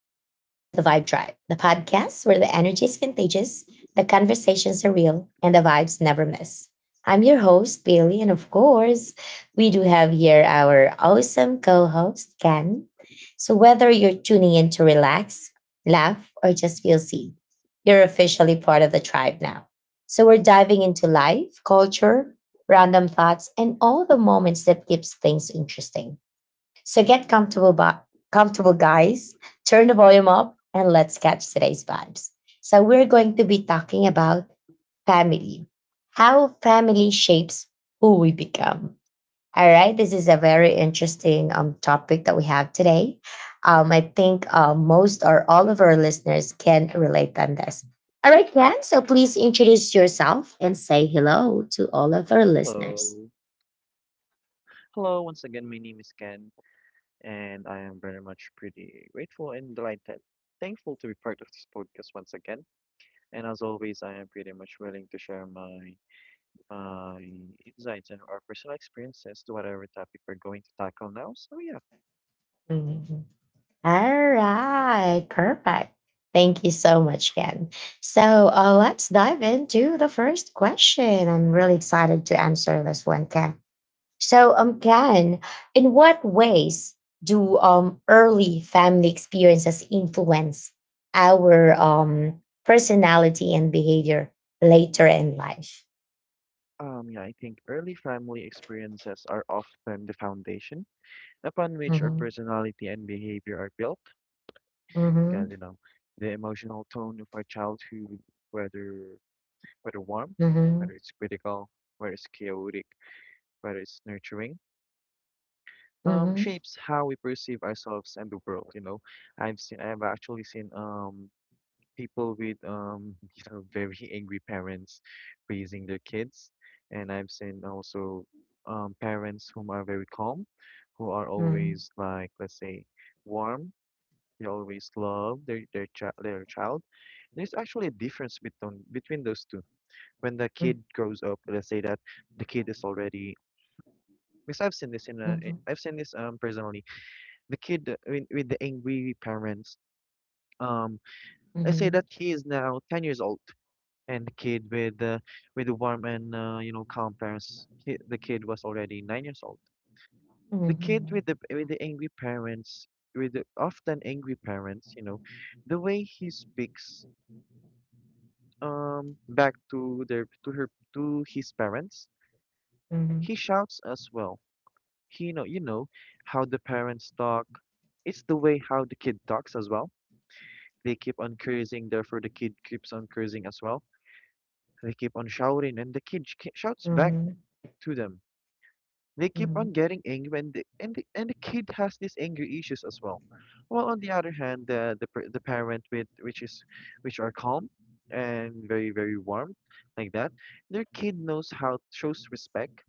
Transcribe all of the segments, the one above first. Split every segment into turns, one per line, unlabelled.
Vibe Tribe, the podcast where the energy is contagious, the conversations are real, and the vibes never miss. I'm your host, Bailey, and of course, we do have here our awesome co host, Ken. So, whether you're tuning in to relax, laugh, or just feel seen, you're officially part of the tribe now. So, we're diving into life, culture, random thoughts, and all the moments that keeps things interesting. So get comfortable, comfortable, guys. Turn the volume up and let's catch today's vibes. So we're going to be talking about family, how family shapes who we become. All right, this is a very interesting topic that we have today. I think most or all of our listeners can relate on this. All right, Ken, so please introduce yourself and say hello to all
Uh,
of our listeners.
Hello. Hello, once again, my name is Ken, and I am very much pretty grateful and delighted, thankful to be part of this podcast once again. And as always, I am pretty much willing to share my insights and our personal experiences to whatever topic we're going to tackle now. So yeah.
All right, perfect. Thank you so much, Ken. So let's dive into the first question. I'm really excited to answer this one, Ken. So,
hmm
Ken, in what ways do early family experiences influence our personality and behavior later in life?
yeah, I think early family experiences are often the foundation upon which our
Mm-hmm.
personality and behavior are built, because
Mm-hmm.
the emotional tone of our childhood, whether whether warm, whether it's critical, whether it's chaotic, whether it's nurturing,
Mm-hmm.
shapes how we perceive ourselves and the world. I've actually seen people with very angry parents raising their kids, and I've seen also parents whom are very calm, who are
Mm-hmm.
always like let's say warm. They always love their child. There's actually a difference between those two when the
Mm-hmm.
kid grows up, let's say that the kid is already because I've seen this in
Mm-hmm.
I've seen this personally. The kid with the angry parents. Um, let's say
Mm-hmm.
that he is now 10 years old, and the kid with the warm and calm parents. The kid was already 9 years old.
Mm-hmm.
The kid with the
Mm-hmm.
with the angry parents, with the often angry parents, the way he speaks back to their to her to his parents, he
Mm-hmm.
shouts as well. You know how the parents talk. It's the way how the kid talks as well. They keep on cursing, therefore the kid keeps on cursing as well. They keep on shouting, and the shouts back
Mm-hmm.
to them. They keep on
Mhm,
getting angry, and the kid has these anger issues as well. Well, on the other hand, the parent with which is which are calm and very very warm like that, their kid knows how shows respect,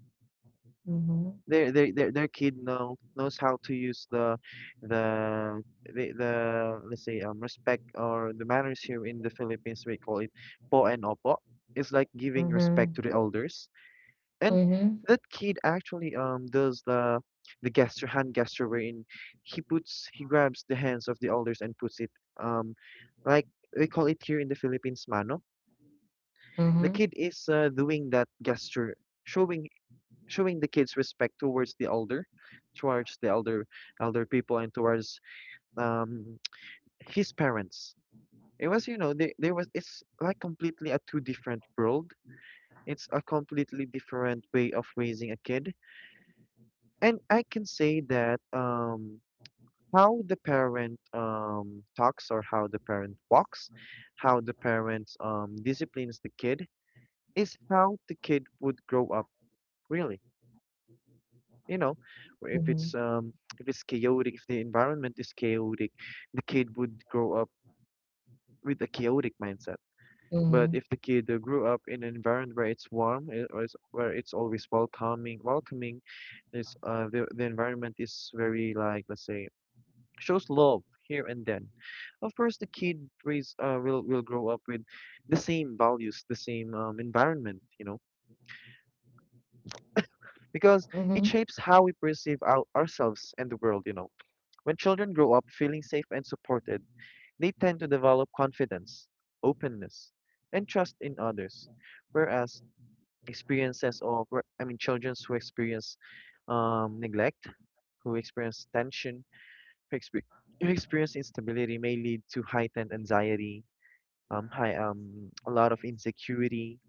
mhm,
their kid knows how to use the the, let's say, respect or the manners. Here in the Philippines we call it po and opo. It's like giving
mhm,
respect to the elders, and
mhm,
that kid actually does the gesture, hand gesture, wherein he grabs the hands of the elders and puts it, um like we call it here in the Philippines mano. The
mhm,
kid is doing that gesture, showing showing the kids respect towards the elder, towards the elder people and towards um his parents. It was, you know, they there was it's like completely a two different world. It's a completely different way of raising a kid. And I can say that how the parent talks or how the parent walks, how the parents disciplines the kid is how the kid would grow up really. You know or if it's
mhm,
If it's chaotic, if the environment is chaotic, the kid would grow up with a chaotic mindset. But
mhm,
if the kid grew up in an environment where it's warm, where it's always welcoming, the environment is very, like, let's say, shows love here and then, of course, the kid raise will grow up with the same values, the same environment, because it
mhm,
shapes how we perceive ourselves and the world. When children grow up feeling safe and supported, they tend to develop confidence, openness, and trust in others. Whereas experiences of, where- I mean, children who experience neglect, who experience tension, who, expe- who experience instability may lead to heightened anxiety, a lot of insecurity,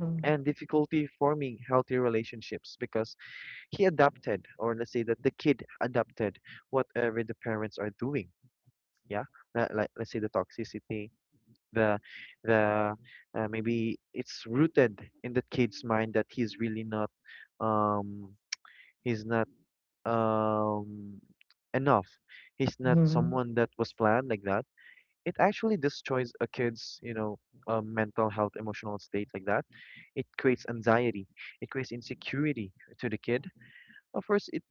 mhm,
and difficulty forming healthy relationships because he adapted, or let's say that the kid adapted whatever the parents are doing. Yeah, that, like, let's say the toxicity, the the maybe it's rooted in the kid's mind that he's really not um he's not um enough, he's not
mhm,
someone that was planned like that. It actually destroys a kid's, mental health, emotional state, like that. It creates anxiety, it creates insecurity to the kid. Of course,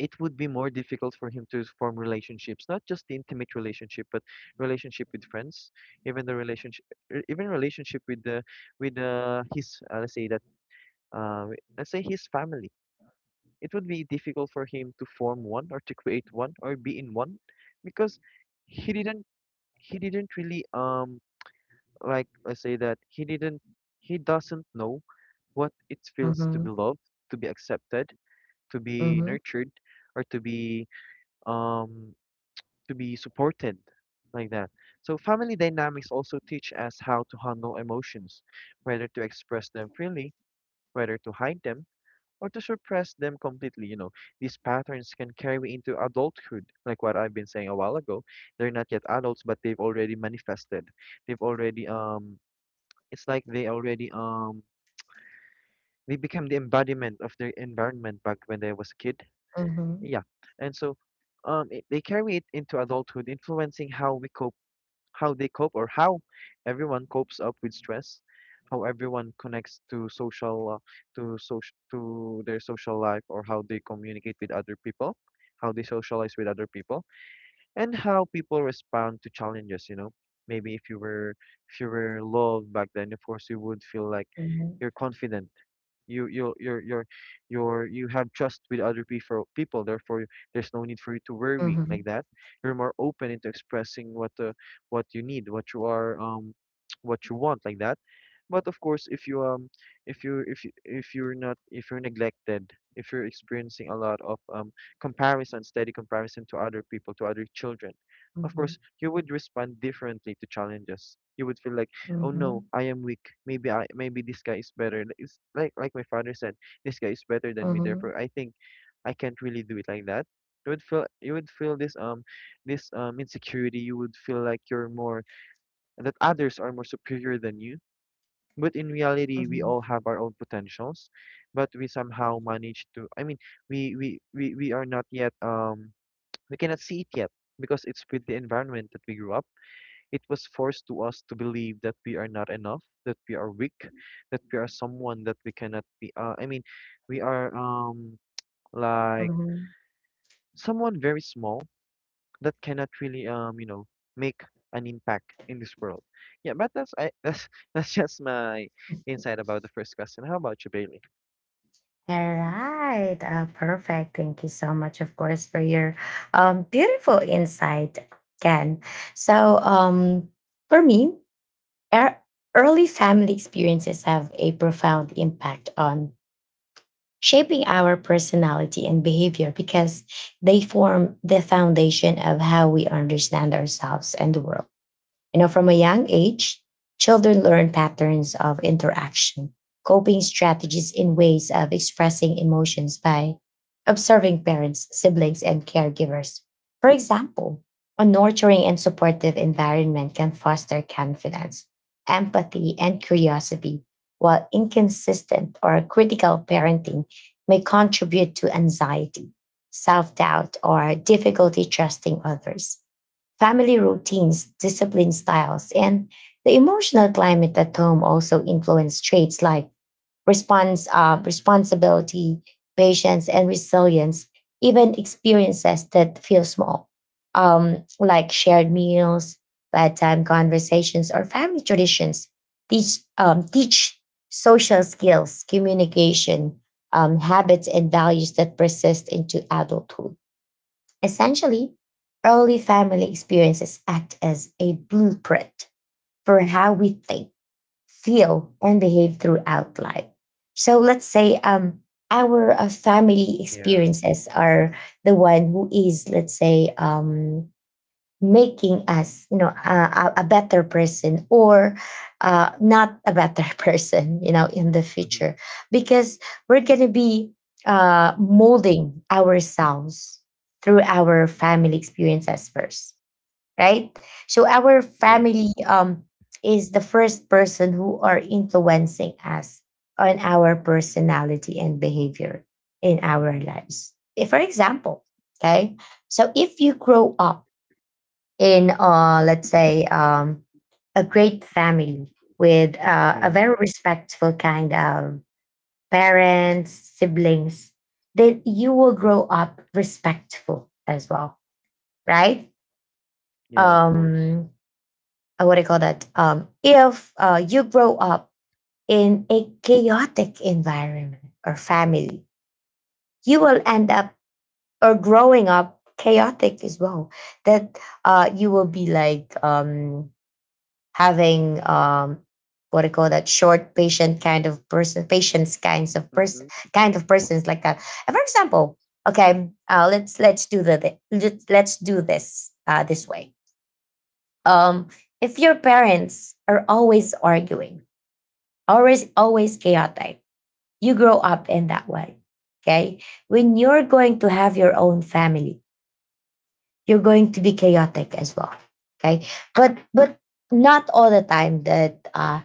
it would be more difficult for him to form relationships, not just the intimate relationship, but relationship with friends, even relationship with the, with his, uh, let's say his family. It would be difficult for him to form one or to create one or be in one, because he didn't he didn't really, let's say that he doesn't know what it feels to be
mhm,
loved, to be accepted, to
mhm,
be
mhm,
nurtured, or um to be supported like that. So family dynamics also teach us how to handle emotions, whether to express them freely, whether to hide them, or to suppress them completely. You know, these patterns can carry into adulthood, like what I've been saying a while ago. They're not yet adults, but they've already manifested. They've already it's like they already they became the embodiment of their environment back when they was a kid.
mhm,
Yeah. And so they carry it into adulthood, influencing how we cope how they cope, or how everyone copes up with stress, how everyone connects to social to social to their social life, or how they communicate with other people, how they socialize with other people, and how people respond to challenges, you know. Maybe if you were loved back then, of course you would feel like
mhm,
you're confident, you you you're you're you're, you have trust with other people people, therefore there's no need for you to worry like
mhm,
that. You're more open into expressing what, what you need, what you are, what you want, like that. But of course if you, if you, if you're not, if you're neglected, if you're experiencing a lot of comparison, steady comparison to other people, to other children, of course
mhm,
you would respond differently to challenges. You would feel like, oh no, I am weak. Maybe I, maybe this guy is better. Like, it's like my father said, this guy is better than me. Therefore,
mhm,
I think I can't really do it like that. You would feel this this insecurity. You would feel like you're more, that others are more superior than you. But in reality, we
mhm,
all have our own potentials, but we somehow manage to. I mean, we are not yet we cannot see it yet because it's with the environment that we grew up. It was forced to us to believe that we are not enough, that we are weak, that we are someone that we cannot be. I mean, we are like
mhm.
someone very small that cannot really, make an impact in this world. Yeah, but that's that's just my insight about the first question. How about you, Bailey?
All right. Perfect. Thank you so much, of course, for your beautiful insight, Ken. So, for me, er- early family experiences have a profound impact on shaping our personality and behavior because they form the foundation of how we understand ourselves and the world. You know, from a young age, children learn patterns of interaction, coping strategies, and ways of expressing emotions by observing parents, siblings, and caregivers. For example, a nurturing and supportive environment can foster confidence, empathy, and curiosity, while inconsistent or critical parenting may contribute to anxiety, self doubt, or difficulty trusting others. Family routines, discipline styles, and the emotional climate at home also influence traits like responsibility, patience, and resilience. Even experiences that feel small, like shared meals, bedtime conversations, or family traditions, teach social skills, communication, habits, and values that persist into adulthood. Essentially, early family experiences act as a blueprint for how we think, feel, and behave throughout life. So let's say our family
Yeah.
experiences are the one who is, let's say, making us, you know, a better person or not a better person, you know, in the
Mm-hmm.
future, because we're going to be molding ourselves through our family experiences first, right? So our
Yeah.
family, is the first person who are influencing us on our personality and behavior in our
Mm-hmm.
lives. If, for example, okay, so if you grow up in let's say a great family with a
Yeah.
very respectful kind of parents, siblings, that you will grow up respectful as well, right?
Yeah, of course.
um what do you call that? If you grow up in a chaotic environment or family, you will end up or growing up chaotic as well, that you will be like having what I call that short patient kind of person, patients kinds of person,
Mm-hmm.
kind of persons like that. And for example, okay, let's do this this way. um if your parents are always arguing, always chaotic, you grow up in that way, okay? When you're going to have your own family, you're going to be chaotic as well, okay? But not all the time that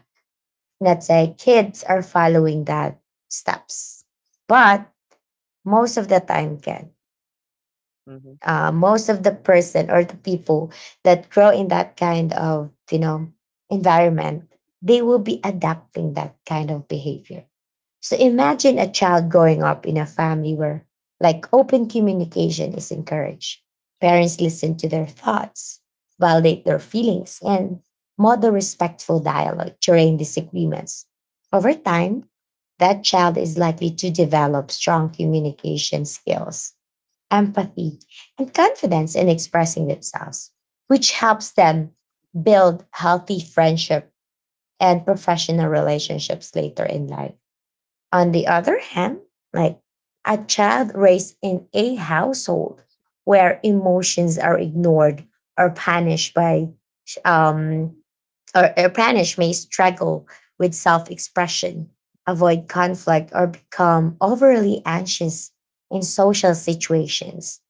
let's say kids are following that steps, but most of the time can,
Mm-hmm.
most of the person or the people that grow in that kind of, you know, environment, they will be adapting that kind of behavior. So imagine a child growing up in a family where like open communication is encouraged. Parents listen to their thoughts, validate their feelings, and model respectful dialogue during disagreements. Over time, that child is likely to develop strong communication skills, empathy, and confidence in expressing themselves, which helps them build healthy friendship and professional relationships later in life. On the other hand, like a child raised in a household where emotions are ignored or punished by um or punished, may struggle with self-expression, avoid conflict, or become overly anxious in social situations.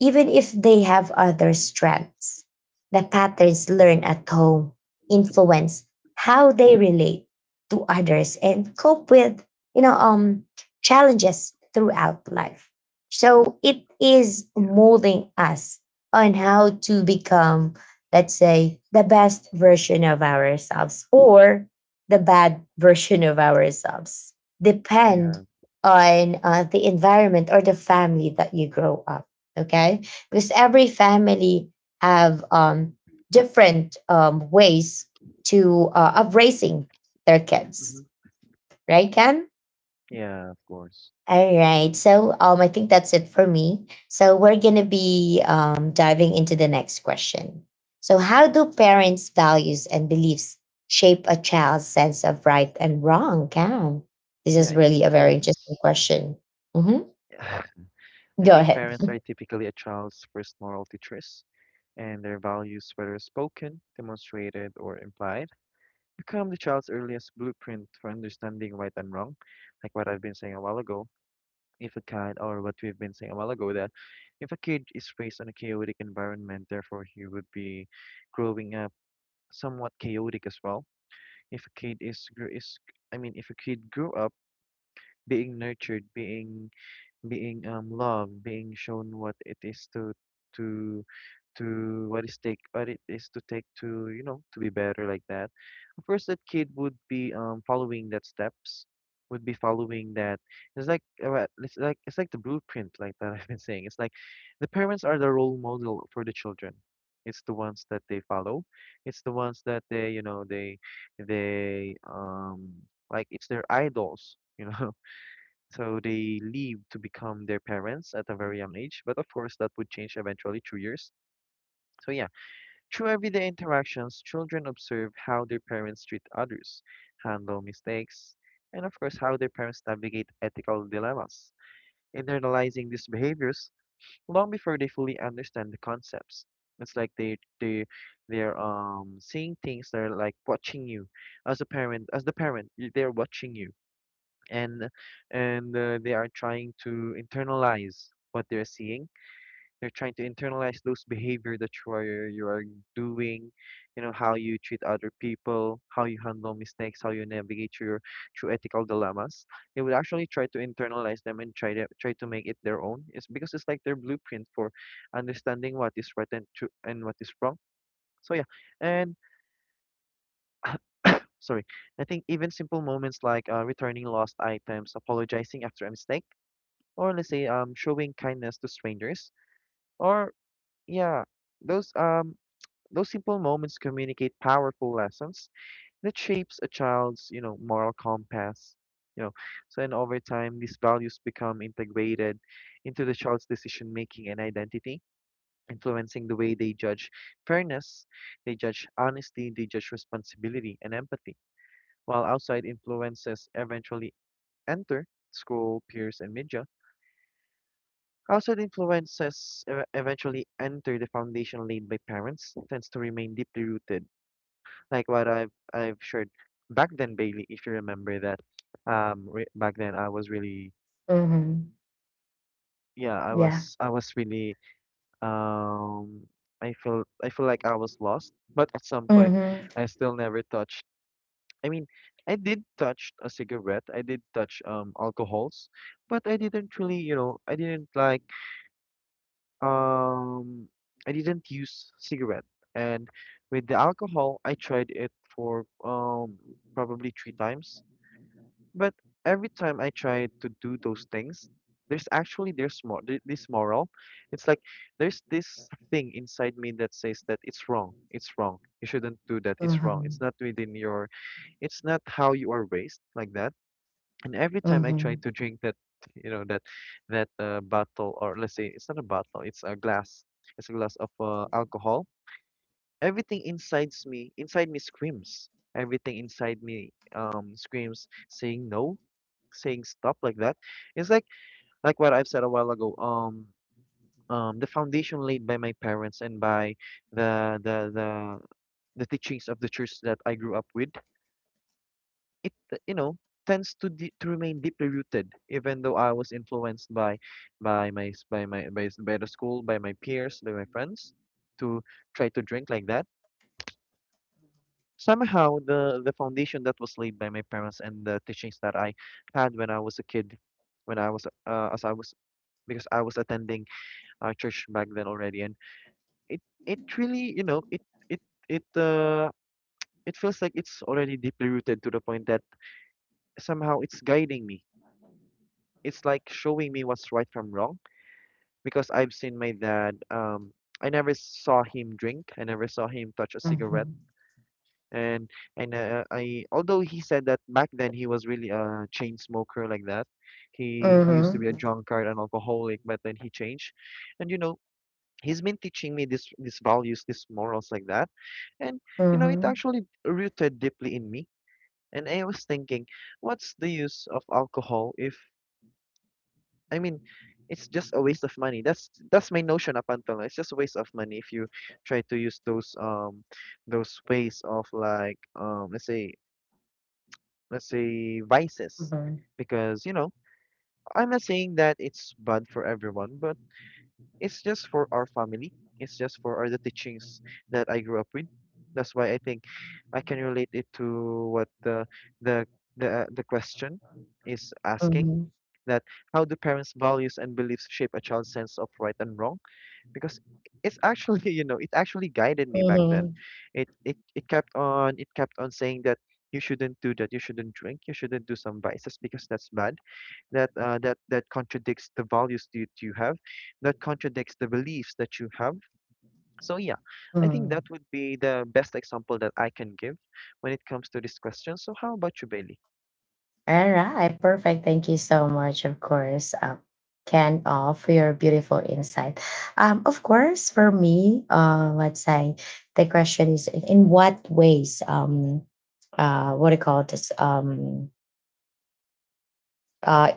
Even if they have other strengths, the patterns learned
Mm-hmm.
at home influence how they relate to others and cope with, you know, um, challenges throughout life. So it is
Yeah.
molding us on how to become, let's say, the best version of ourselves or the bad version of ourselves, depend
Yeah.
on the environment or the family that you grow up, okay? Because every family have different ways to of raising their
Mm-hmm.
kids, right, Ken?
Yeah, of course.
All right, so I think that's it for me, so we're gonna be diving into the next question. So how do parents values and beliefs shape a child's sense of right and wrong, Ken? This
Yeah,
is
I
really
think
a very interesting
parents.
question. Mhm.
Yeah. I
Go
think
ahead.
parents are typically a child's first moral teachers, and their values, whether spoken, demonstrated, or implied, become the child's earliest blueprint for understanding right and wrong. Like what I've been saying a while ago, if a kid, or what we've been saying a while ago, that if a kid is raised in a chaotic environment, therefore he would be growing up somewhat chaotic as well. If a kid is, gr- is I mean, if a kid grew up being nurtured, being loved, being shown what it is to to what is take what it is to take to, you know, to be better like that. Of course, that kid would be following that steps, would be following that. It's like, it's like, it's like the blueprint, like that. I've been saying, it's like the parents are the role model for the children. It's the ones that they follow. It's the ones that they you know they they um it's their idols. You know, so they leave to become their parents at a very young age, but of course that would change eventually through years. So yeah, through everyday interactions, children observe how their parents treat others, handle mistakes, and of course how their parents navigate ethical dilemmas, internalizing these behaviors long before they fully understand the concepts. It's like they're seeing things. They're like watching you as a parent, as the parent, they're watching you, and and they are trying to internalize what they're seeing. They're trying to internalize those behavior that you are doing, you know, how you treat other people, how you handle mistakes, how you navigate your through ethical dilemmas. They would actually try to internalize them and try to make it their own. It's because it's like their blueprint for understanding what is right and true and what is wrong. So yeah, and sorry, I think even simple moments like returning lost items, apologizing after a mistake or let's say showing kindness to strangers or yeah, those um those simple moments communicate powerful lessons that shapes a child's, moral compass. you know so and over time these values become integrated into the child's decision making and identity, influencing the way they judge fairness, they judge honesty, they judge responsibility and empathy, while outside influences eventually enter school, peers and media. Eventually enter the foundation laid by parents, tends to remain deeply rooted. Like what I've shared back then, Bailey, if you remember that, re back then I was really,
Mhm.
yeah, I
Yeah.
was I was really, um, I feel like I was lost, but at some point,
Hmm.
I still never touched. I mean, I did touch a cigarette, I did touch alcohols, but I didn't really, you know, I didn't like. Um, I didn't use cigarette, and with the alcohol, I tried it for probably three times. But every time I tried to do those things, there's more this moral. It's like there's this thing inside me that says that it's wrong, it's wrong. You shouldn't do that. It's wrong. It's not within your. It's not how you are raised like that. And every time I try
Mhm,
to drink that, you know, that bottle, or let's say it's not a bottle, it's a glass. It's a glass of alcohol. Inside me screams. Everything inside me screams, saying no, saying stop like that. It's like what I've said a while ago. The foundation laid by my parents and by the the the the teachings of the church that I grew up with, it you know, tends to remain deeply rooted, even though I was influenced by my s- by my by, s- by the school, by my peers, by my friends, to try to drink like that. Somehow the foundation that was laid by my parents and the teachings that I had when I was a kid, when I was as I was, because I was attending church back then already, and it it really, you know, it it uh it feels like it's already deeply rooted, to the point that somehow it's guiding me. It's like showing me what's right from wrong, because I've seen my dad. I never saw him drink. I never saw him touch a cigarette.
mhm,
And I, although he said that back then he was really a chain smoker like that. He used to
mhm,
be a drunkard and alcoholic, but then he changed. And you know, he's been teaching me this these values, these morals like that. And you know, it
mhm,
actually rooted deeply in me. And I was thinking, what's the use of alcohol if, I mean, it's just a waste of money. That's my notion up until now. It's just a waste of money if you try to use those ways of like let's say, let's say vices,
mhm,
because you know, I'm not saying that it's bad for everyone, but it's just for our family. It's just for our, the teachings that I grew up with. That's why I think I can relate it to what the the question is asking,
mhm,
that how do parents' values and beliefs shape a child's sense of right and wrong? Because it's actually, you know, it actually guided me back then.
mhm,
It kept on, it kept on saying that you shouldn't do that, you shouldn't drink, you shouldn't do some vices because that's bad. That that contradicts the values that you have, that contradicts the beliefs that you have. So yeah, I think that
mhm.
would be the best example that I can give when it comes to this question. So how about you, Bailey?
Alright, perfect. Thank you so much, of course, Ken, for your beautiful insight. Of course, for me, let's say the question is in what ways, what do you call this, uh,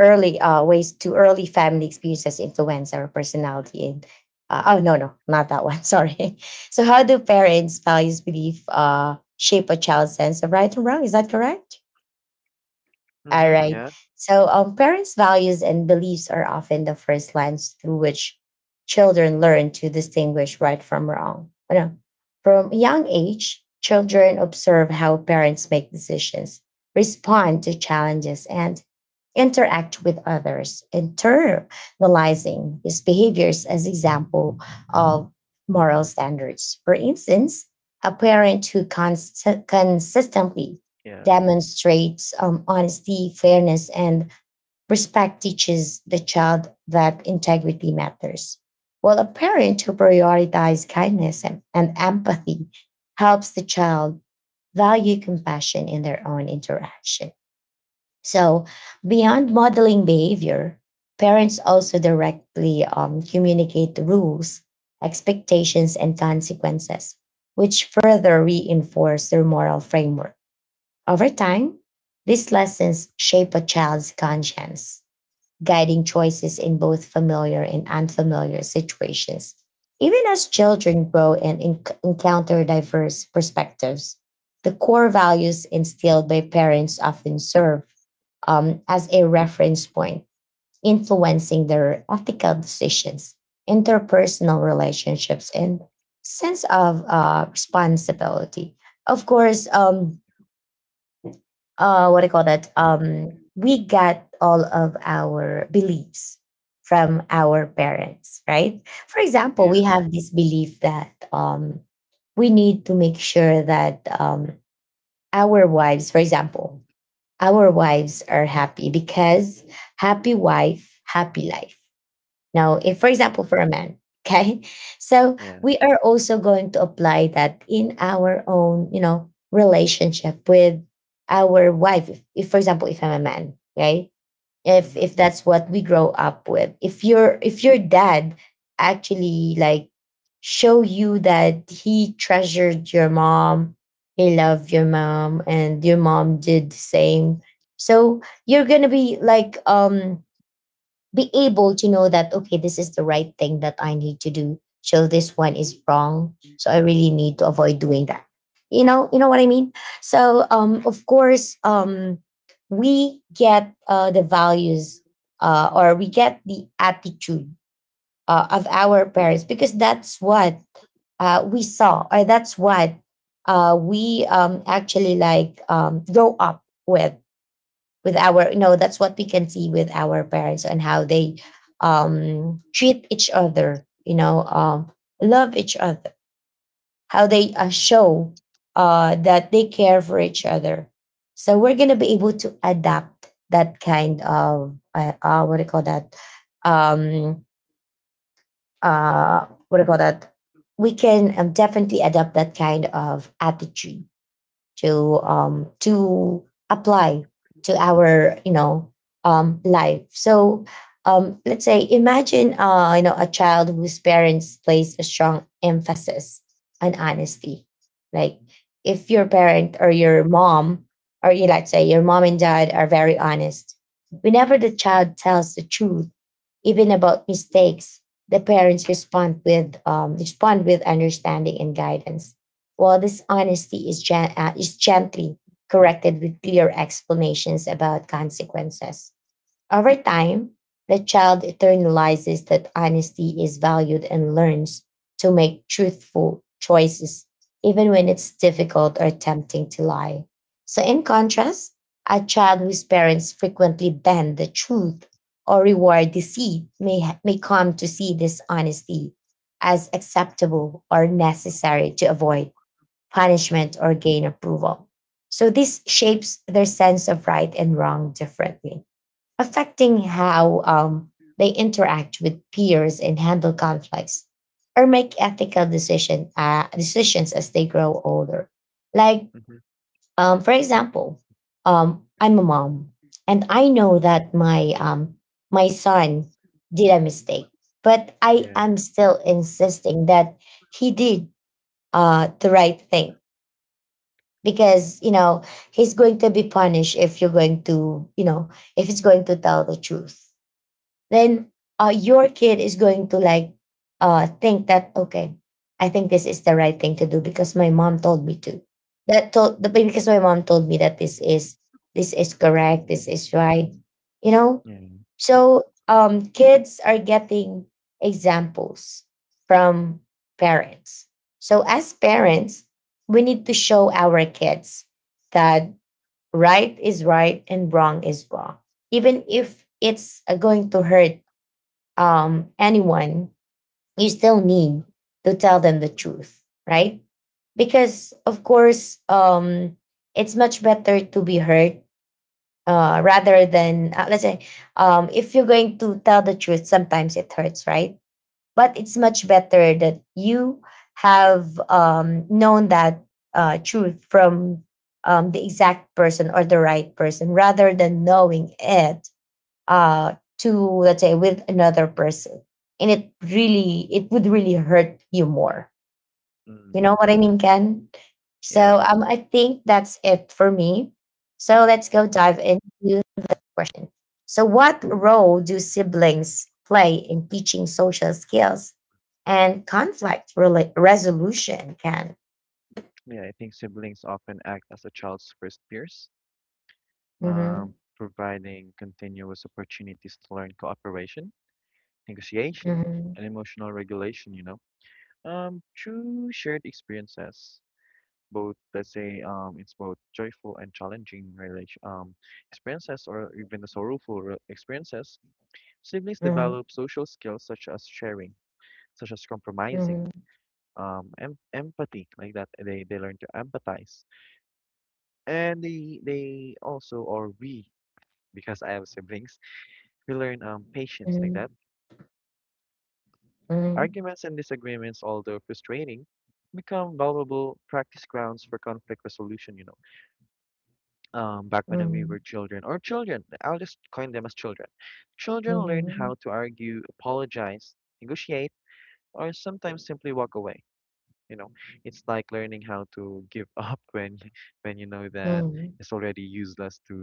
early ways to early family experiences influence our personality and oh no, no, not that one sorry. So how do parents values belief shape a child's sense of right and wrong, is that correct? All
Mm-hmm.
right.
Yeah.
So parents values and beliefs are often the first lens through which children learn to distinguish right from wrong. Oh, no. From a young age, children observe how parents make decisions, respond to challenges, and interact with others, internalizing his behaviors as example of moral standards. For instance, a parent who cons- consistently
Yeah.
demonstrates honesty, fairness, and respect teaches the child that integrity matters. While a parent who prioritizes kindness and empathy helps the child value compassion in their own interaction. So, beyond modeling behavior, parents also directly communicate the rules, expectations, and consequences, which further reinforce their moral framework. Over time, these lessons shape a child's conscience, guiding choices in both familiar and unfamiliar situations. Even as children grow and encounter diverse perspectives, the core values instilled by parents often serve as a reference point, influencing their ethical decisions, interpersonal relationships, and sense of responsibility. Of course, what do you call that, we get all of our beliefs from our parents, right? For example,
Yeah.
we have this belief that we need to make sure that our wives, for example, our wives are happy, because happy wife happy life. Now, if for example, for a man, okay, so
Yeah.
we are also going to apply that in our own, you know, relationship with our wife. If For example, if I'm a man, okay, if
Mm-hmm.
if that's what we grow up with, if your, if your dad actually like show you that he treasured your mom, he loved your mom, and your mom did the same, so you're gonna be like be able to know that, okay, this is the right thing that I need to do, so this one is wrong, so I really need to avoid doing that, you know, you know what I mean? So of course, we get the values or we get the attitude of our parents, because that's what we saw, or that's what we actually like grow up with our, you know, that's what we can see with our parents, and how they treat each other, you know, love each other, how they show that they care for each other, so we're going to be able to adapt that kind of what do you call that, um what do you call that, we can definitely adapt that kind of attitude to apply to our, you know, life. So let's say imagine you know, a child whose parents place a strong emphasis on honesty. Like, if your parent or your mom, or you, let's say your mom and dad are very honest, whenever the child tells the truth even about mistakes, the parents respond with understanding and guidance, while this honesty is, is gently corrected with clear explanations about consequences. Over time, the child internalizes that honesty is valued and learns to make truthful choices, even when it's difficult or tempting to lie. So, in contrast, a child whose parents frequently ban the truth or reward deceit may come to see dishonesty as acceptable or necessary to avoid punishment or gain approval. So, this shapes their sense of right and wrong differently, affecting how they interact with peers and handle conflicts or make ethical decisions as they grow older. Like,
Mm-hmm.
for example, I'm a mom and I know that my son did a mistake, but I
Yeah.
am still insisting that he did the right thing because, you know, he's going to be punished if you're going to, you know, if he's going to tell the truth, then your kid is going to like think that okay, I think this is the right thing to do because my mom told me to. That told the because my mom told me that this is correct, this is right, you know.
Yeah,
So kids are getting examples from parents. So as parents, we need to show our kids that right is right and wrong is wrong, even if it's going to hurt anyone, you still need to tell them the truth, right? Because, of course, it's much better to be hurt rather than, let's say, if you're going to tell the truth, sometimes it hurts, right? But it's much better that you have known that truth from the exact person or the right person rather than knowing it uh, to let's say with another person, and it would really hurt you more.
mm,
You know
yeah,
what I mean, Ken?
yeah,
So I think that's it for me. So let's go dive into the question. So, what role do siblings play in teaching social skills and conflict resolution? Can
yeah, I think siblings often act as a child's first peers,
mm-hmm,
providing continuous opportunities to learn cooperation, negotiation,
mm-hmm,
and emotional regulation, you know, through shared experiences. Both, let's say, it's both joyful and challenging experiences, or even the sorrowful experiences. Siblings
mm-hmm,
develop social skills such as sharing, such as compromising, empathy, like that. They learn to empathize, and they also, or we, because I have siblings, we learn patience like that.
mm-hmm, mm-hmm,
Arguments and disagreements, although frustrating, become valuable practice grounds for conflict resolution, you know, back when we
mm-hmm,
were children, or children, I'll just coin them as children. Children learn
mm-hmm,
how to argue, apologize, negotiate, or sometimes simply walk away. You know, it's like learning how to give up when when you know that
mm-hmm,
it's already useless to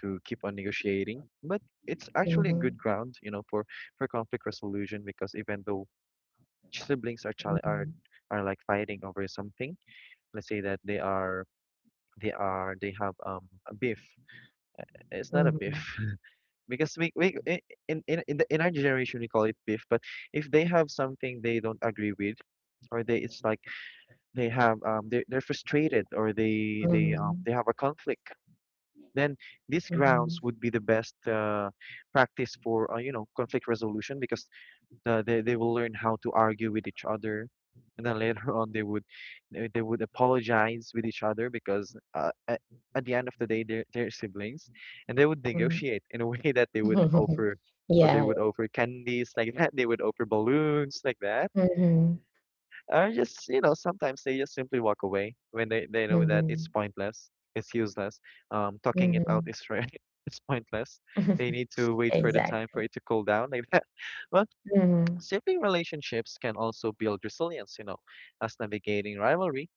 keep on negotiating. But it's actually a
mm-hmm,
good ground, you know, for conflict resolution, because even though siblings are chal
mm-hmm.
are like fighting over something, let's say that they are they are they have a beef. It's not a beef
Mhm,
because in in our generation we call it beef, but if they have something they don't agree with, or they, it's like they have, they're frustrated, or
mhm,
they have a conflict, then these grounds
mhm,
would be the best practice for, you know, conflict resolution, because they will learn how to argue with each other, and then later on they would, they would apologize with each other, because at the end of the day they're siblings, and they would negotiate in a way that they would
mhm.
offer. Or they
Yeah.
would offer candies like that. They would offer balloons like that,
Mhm,
or just, you know, sometimes they just simply walk away when they know that it's
mhm,
pointless, it's useless. Talking it out
mhm.
is right. It's pointless. They need to wait for the time for
Exactly.
it to cool down like that. But
Mhm,
sibling relationships can also build resilience, you know, as navigating rivalry,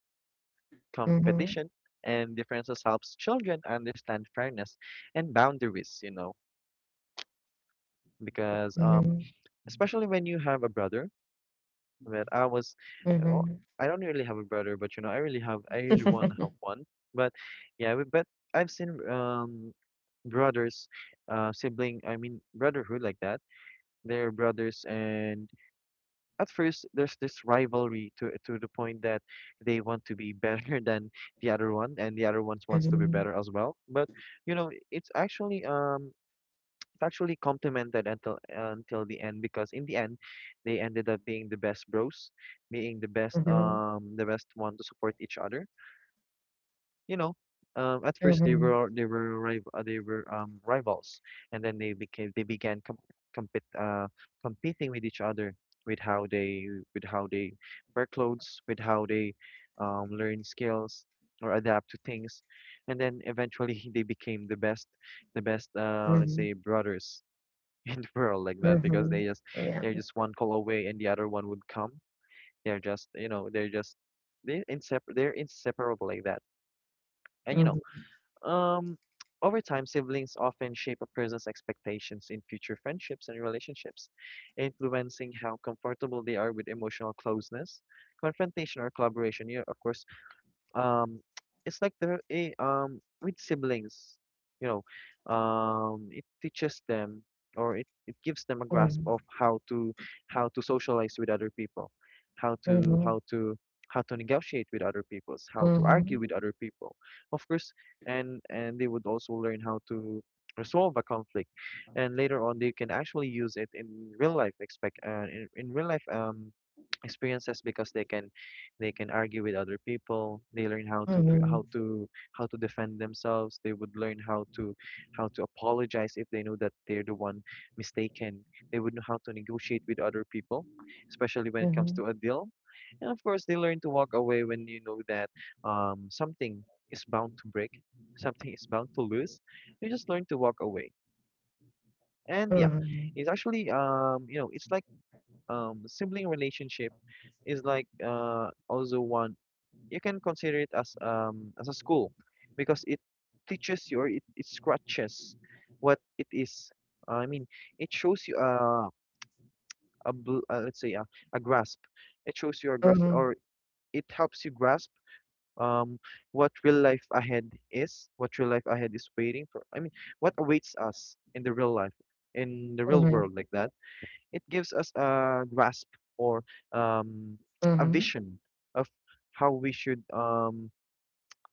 mhm,
competition, and differences helps children understand fairness and boundaries, you know, because
mhm,
especially when you have a brother. But I was, oh,
mhm.
I don't really have a brother, but you know, I really have, I really want to have one. But yeah, we, but I've seen brothers, I mean brotherhood like that. They're brothers, and at first there's this rivalry to the point that they want to be better than the other one, and the other one wants to be
Mhm,
better as well. But you know, it's actually complemented until the end, because in the end they ended up being the best bros, being the best,
mhm,
the best one to support each other, you know. At first they
mhm,
were, rivals, and then they became, they began com- compete competing with each other, with how they, with how they wear clothes, with how they learn skills, or adapt to things, and then eventually they became the best, the best, let's
mhm,
say, brothers in the world like that, because
mhm.
they just,
Yeah.
they're just one call away and the other one would come. They're just, you know, they're just, they're inseparable like that. And you
Mhm,
know, um, over time, siblings often shape a person's expectations in future friendships and relationships, influencing how comfortable they are with emotional closeness, confrontation, or collaboration. You, of course, um it's like they're a with siblings, it teaches them, or it gives them a grasp of
mhm,
how to socialize with other people, how to
mhm,
how to how to negotiate with other peoples, how to argue
mhm,
with other people, of course. And they would also learn how to resolve a conflict, and later on they can actually use it in real life expect in real life experiences, because they can argue with other people. They learn how to pre-
mhm,
how to defend themselves. They would learn how to apologize if they know that they're the one mistaken. They would know how to negotiate with other people, especially when it comes
mhm,
to a deal. And of course they learn to walk away when you know that, something is bound to break, something is bound to lose. You just learn to walk away. And yeah,
mhm,
it's actually it's like, sibling relationship is like, also one you can consider it as a school, because it teaches you, or it scratches what it is. I mean, it shows you a, let's say, a grasp. It shows you a grasp,
mhm,
or it helps you grasp um what real life ahead is waiting for. I mean, what awaits us in the real life, in the real world like that. It gives us a grasp, or um, a
mhm,
vision of how we should um,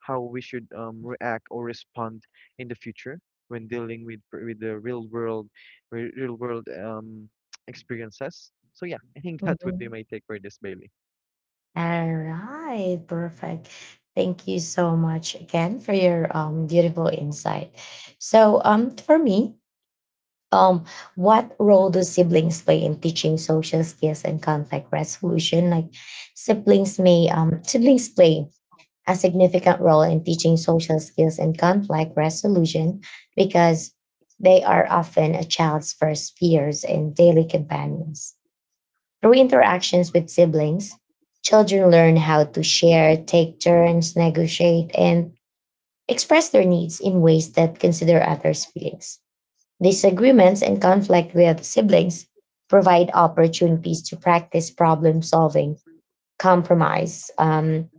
how we should react or respond in the future when dealing with the real world experiences. So yeah, I think
mhm,
that would be
mhm.
my take for this, Bailey.
All right, perfect. Thank you so much again for your beautiful insight. So, for me, um, what role do siblings play in teaching social skills and conflict resolution? Like, siblings play a significant role in teaching social skills and conflict resolution because they are often a child's first peers and daily companions. Through interactions with siblings, children learn how to share, take turns, negotiate, and express their needs in ways that consider others' feelings. Disagreements and conflict with siblings provide opportunities to practice problem solving, compromise,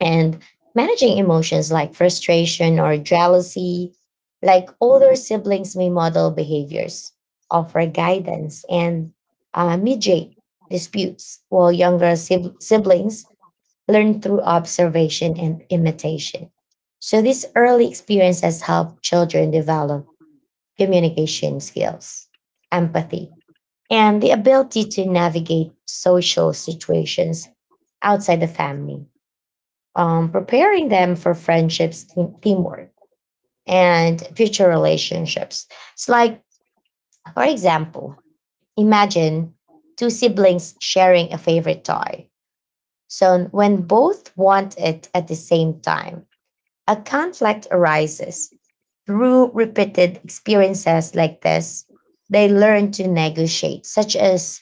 and managing emotions like frustration or jealousy. Like, older siblings may model behaviors, offer guidance, and mediate disputes, while younger siblings learn through observation and imitation. So, these early experiences help children develop communication skills, empathy, and the ability to navigate social situations outside the family, preparing them for friendships, teamwork, and future relationships. It's like, for example, imagine two siblings sharing a favorite toy. So when both want it at the same time, a conflict arises. Through repeated experiences like this, they learn to negotiate, such as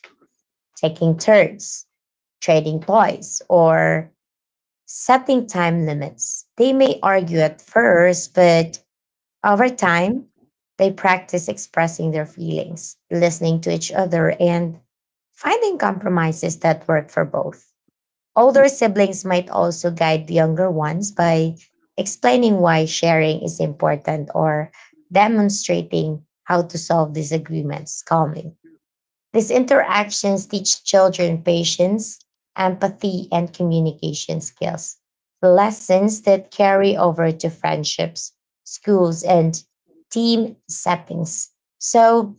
taking turns, trading toys, or setting time limits. They may argue at first, but over time, they practice expressing their feelings, listening to each other, and finding compromises that work for both. Older siblings might also guide the younger ones by explaining why sharing is important or demonstrating how to solve disagreements calmly. These interactions teach children patience, empathy, and communication skills, lessons that carry over to friendships, schools, and team settings. So,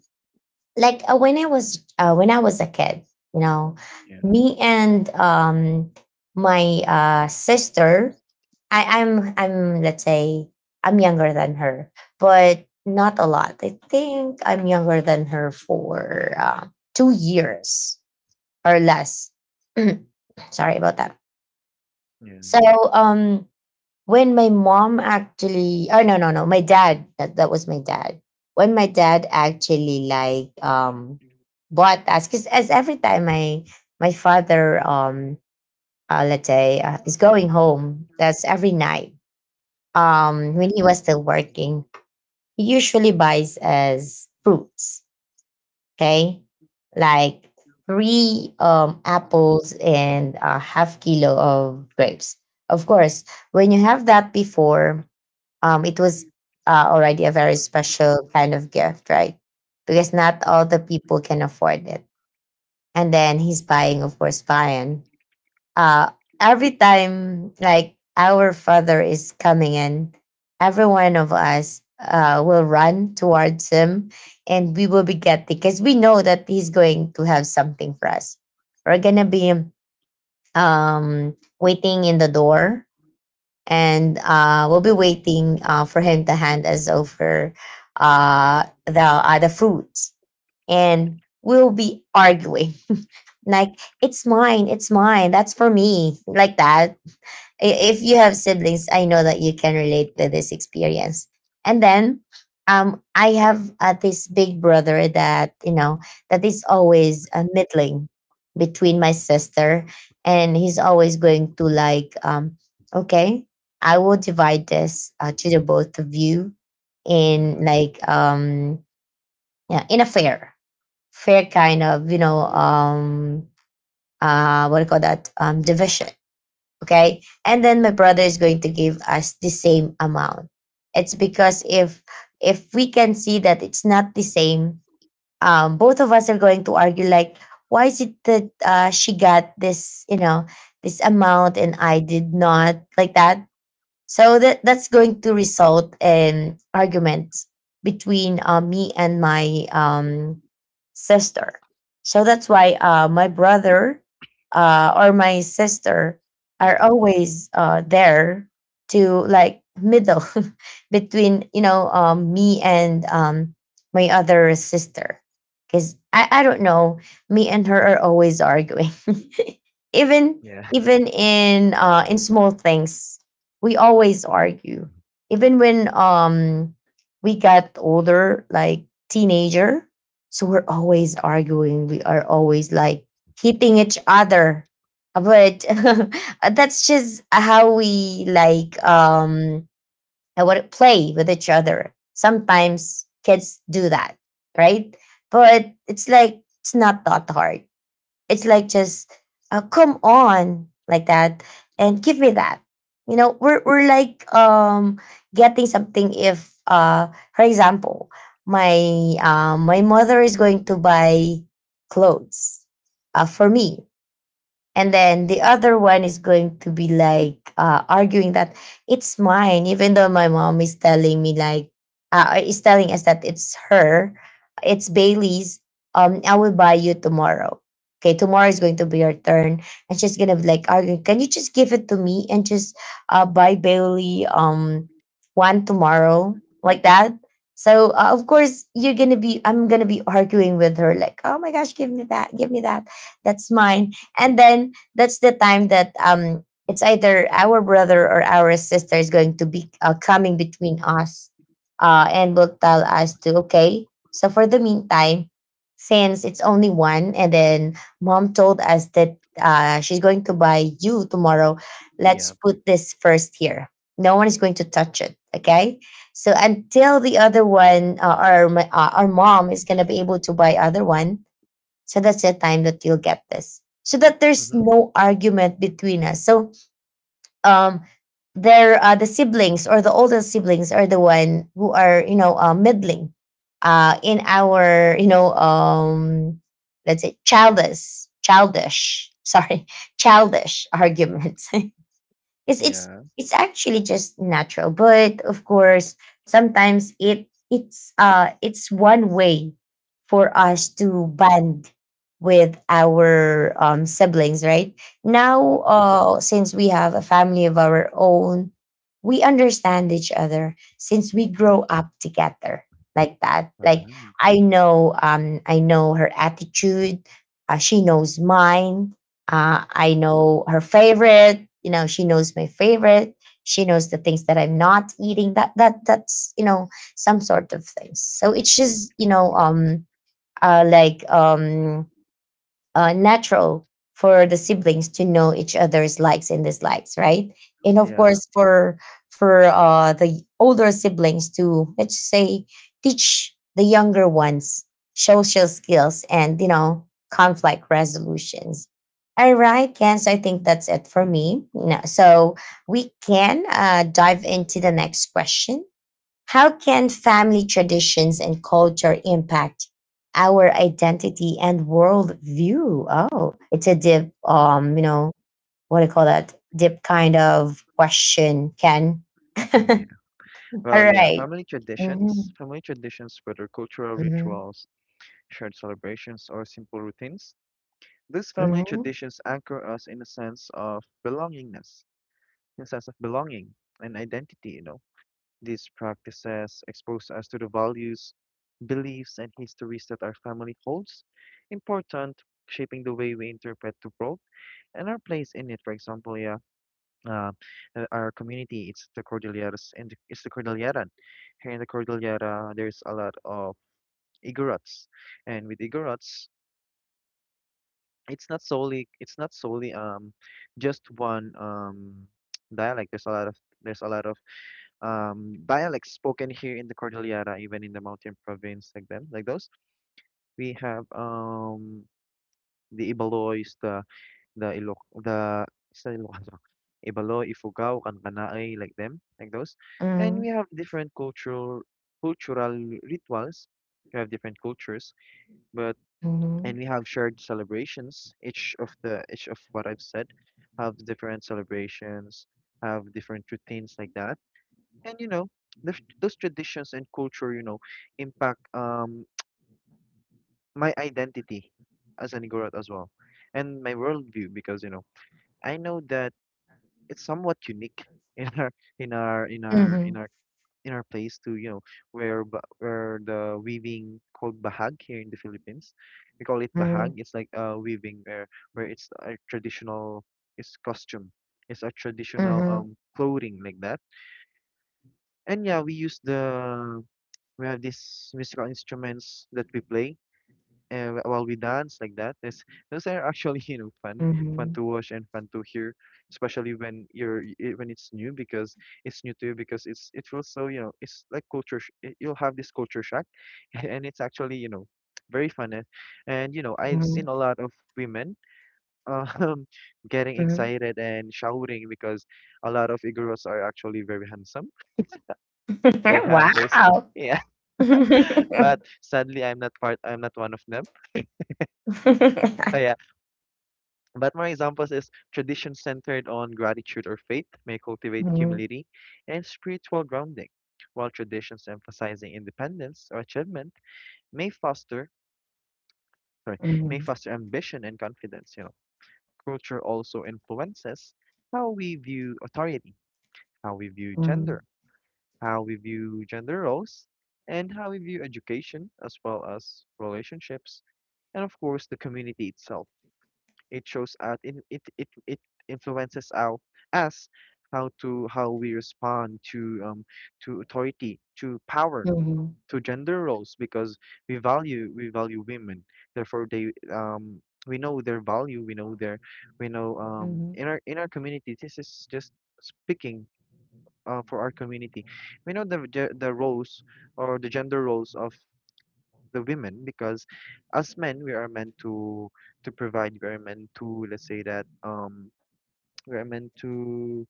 like when I was a kid, you know,
Yeah.
me and my sister, I, I'm let's say I'm younger than her, but not a lot. I think I'm younger than her for 2 years or less. Sorry about that. So
Yeah.
um when my mom actually, oh no no no my dad, that was my dad, when my dad actually like bought us, because as every time my father, let's say, is going home, that's every night, when he was still working, he usually buys us fruits, okay, like three apples and a half kilo of grapes. Of course, when you have that before, it was already a very special kind of gift, right? Because not all the people can afford it. And then he's buying, of course, buying. Uh, every time, like, our father is coming in, every one of us will run towards him, and we will be getting, because we know that he's going to have something for us. We're going to be waiting in the door, and we'll be waiting for him to hand us over the fruits, and we'll be arguing like, it's mine, that's for me, like that. i- if you have siblings, I know that you can relate to this experience. And then I have this big brother that, you know, that is always middling between my sister. And he's always going to like, okay, I will divide this to the both of you in
Mm-hmm.
like, yeah, in a fair kind of, you know, what do you call that? Division. Okay. And then my brother is going to give us the same amount. It's because if we can see that it's not the same, both of us are going to argue like, why is it that she got this, you know, this amount and I did not, like that? So that's going to result in arguments between me and my sister. So that's why my brother or my sister are
Yeah.
always there to like middle between you know me and my other sister, because I don't know, me and her are always arguing even
Yeah.
even in small things, we always argue, even when we got older, like teenager, so we're always arguing, we are always like hitting each other. But that's just how we like how what play with each other, sometimes kids do that, right? But it's like it's not that hard, it's like just, come on, like that, and give me that. You know, we're like getting something if for example, my my mother is going to buy clothes for me, and then the other one is going to be like arguing that it's mine, even though my mom is telling me like, is telling us that it's her, it's Bailey's, I will buy you tomorrow, okay, tomorrow is going to be your turn. And she's gonna be like arguing, can you just give it to me and just buy Bailey one tomorrow, like that. So of course you're gonna be, I'm gonna be arguing with her like, oh my gosh, give me that, give me that, that's mine. And then that's the time that it's either our brother or our sister is going to be coming between us and will tell us to, okay, so for the meantime, since it's only one, and then mom told us that she's going to buy you tomorrow, let's
Yeah.
put this first here, no one is going to touch it, okay? So until the other one our mom is going to be able to buy other one, so that's the time that you'll get this. So that there's
Mm-hmm.
no argument between us. So um there the siblings or the older siblings are the one who are, you know, middling in our, you know, let's say childish arguments. Because
Yeah.
it's actually just natural, but of course sometimes it's one way for us to bond with our siblings, right? Now
Mm-hmm.
since we have a family of our own, we understand each other, since we
Yeah.
grow up together, like that, like
Wow.
I know I know her attitude, she knows mine, I know her favorite. You know, she knows my favorite. She knows the things that I'm not eating. That's you know some sort of things. So it's just, you know, uh, like um natural for the siblings to know each other's likes and dislikes, right? And of
Yeah.
course, for the older siblings to, let's say, teach the younger ones social skills and, you know, conflict resolutions. All right, Ken. So I think that's it for me. No, so we can dive into the next question. How can family traditions and culture impact our identity and worldview? Oh, it's a deep, you know, what do you call that? Deep kind of question, Ken.
Yeah.
All
Well, yeah,
right.
family traditions,
Mhm,
family traditions, whether cultural
mhm,
rituals, shared celebrations, or simple routines, these family
mhm,
traditions anchor us in a sense of belongingness, in a sense of belonging and identity. These practices expose us to the values, beliefs, and histories that our family holds important, shaping the way we interpret the world and our place in it. For example, yeah, uh, our community, it's the Cordilleras, and it's the Cordilleran. Here in the Cordillera, there's a lot of Igorots, and with Igorots, it's not solely just one dialect. There's a lot of dialects spoken here in the Cordillera, even in the mountain province, like them, like those. We have, the Ibalois, the Ilok the it's not Ilocano, Ibaloi, Ifugao, Kankanai, like them, like those. And we
mhm,
have different cultural rituals. We have different cultures, but and we have shared celebrations. Each of what I've said have different celebrations, have different routines like that. And you know, those traditions and culture impact, my identity as an Igorot as well, and my worldview, because I know that it's somewhat unique in our in our in our in
mhm,
our in our place to where the weaving called bahag here in the Philippines. We call it bahag.
mhm,
It's like, weaving, where it's a traditional, it's costume. It's a traditional,
mhm,
clothing like that. And yeah, we have these musical instruments that we play, while we dance like that. Those are actually
mhm,
fun, fun
mhm,
to watch and fun to hear, especially when you're when it's new, because it's new too, because it feels so, it's like culture. You'll have this culture shock, and it's actually very fun. And I've seen
mhm,
a lot of women, um getting
mhm.
excited and shouting, because a lot of Iguros are actually very handsome. They have those.
Wow.
Yeah, but sadly I'm not part. I'm not one of them. But my examples is tradition centered on gratitude or faith may cultivate
Mhm,
humility and spiritual grounding, while traditions emphasizing independence or achievement may foster sorry, may
mhm,
foster ambition and confidence. Culture also influences how we view authority, how we view
mhm,
gender, how we view gender roles, and how we view education, as well as relationships, and of course the community itself. It shows us, it influences our us, how we respond to, authority, to power,
mhm,
to gender roles, because we value women. Therefore they we know their value, we know,
mhm,
in our community. This is just speaking, for our community. We know the roles, or the gender roles of the women, because as men we are meant to provide. We are meant to, let's say that we are meant to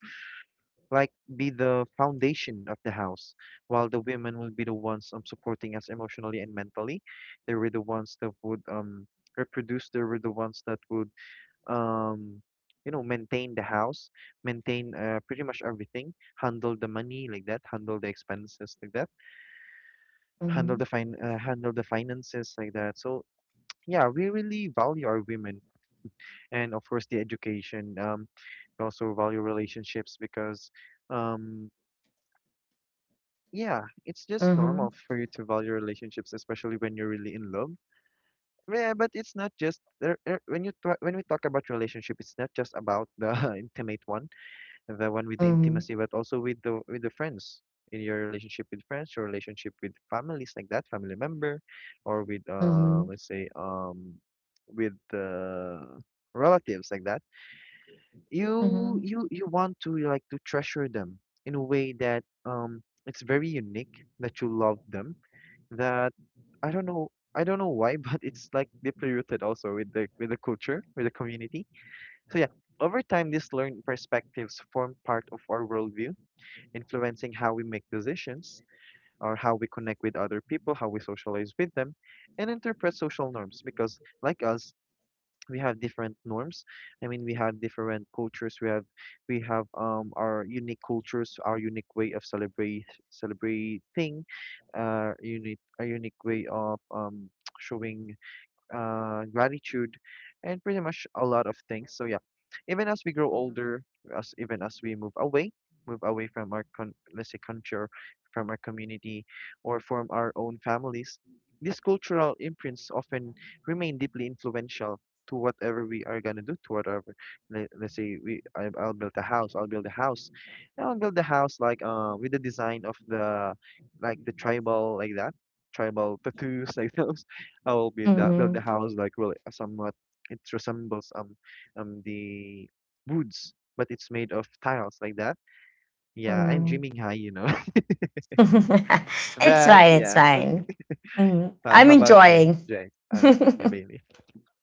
like, be the foundation of the house, while the women will be the ones, supporting us emotionally and mentally. They were the ones that would, reproduce. They were the ones that would, um maintain the house, maintain, pretty much everything, handle the money like that, handle the expenses like that,
mhm.
handle the finances like that. So yeah, we really value our women. And of course, the education. We also value relationships, because, um, yeah, it's just
Mhm,
normal for you to value relationships, especially when you're really in love. Yeah, but it's not just there. When you when we talk about relationship, it's not just about the intimate one, the one with the
mhm,
intimacy, but also with the friends, in your relationship with friends, your relationship with families like that, family member, or with,
mhm,
let's say, with, relatives like that. You
mhm,
you you want to like to treasure them in a way that, it's very unique, that you love them, that I don't know I don't know why, but it's like deeply rooted also with the culture, with the community. So yeah, over time, these learned perspectives form part of our worldview, influencing how we make decisions, or how we connect with other people, how we socialize with them, and interpret social norms. Because like us, we have different norms. I mean, we have different cultures. we have, our unique cultures, our unique way of celebrate celebrating, unique a unique way of, showing, gratitude, and pretty much a lot of things. So yeah, even as we grow older, as even as we move away from our con let's say culture, from our community, or from our own families, these cultural imprints often remain deeply influential to whatever we are gonna do, to whatever. Let's say, I'll build a house, like, with the design of the, like, the tribal like that, tribal tattoos, like those. I will be that build the
mhm,
house like, really, somewhat it resembles, the woods, but it's made of tiles like that. Yeah, I'm
mhm.
dreaming high.
It's
But
fine, it's
yeah,
fine. Mhm. I'm
how about you,
enjoying.
Jay? I mean, yeah, Bailey.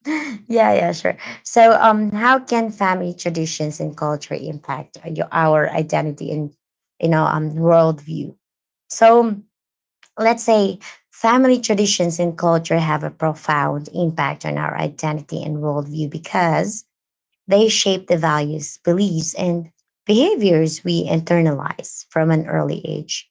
Yeah, yeah, sure. So, how can family traditions and culture impact your, our identity and worldview? So, let's say family traditions and culture have a profound impact on our identity and worldview because they shape the values, beliefs, and behaviors we internalize from an early age.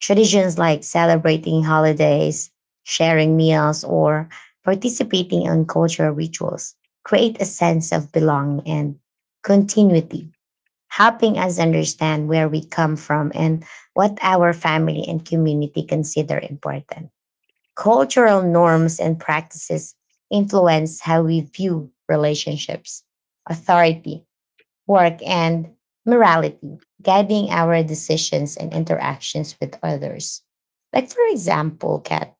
Traditions like celebrating holidays, sharing meals, or participating in cultural rituals create a sense of belonging and continuity, helping us understand where we come from and what our family and community consider important. Cultural norms and practices influence how we view relationships, authority, work, and morality, guiding our decisions and interactions with others. Like, for example, Kat,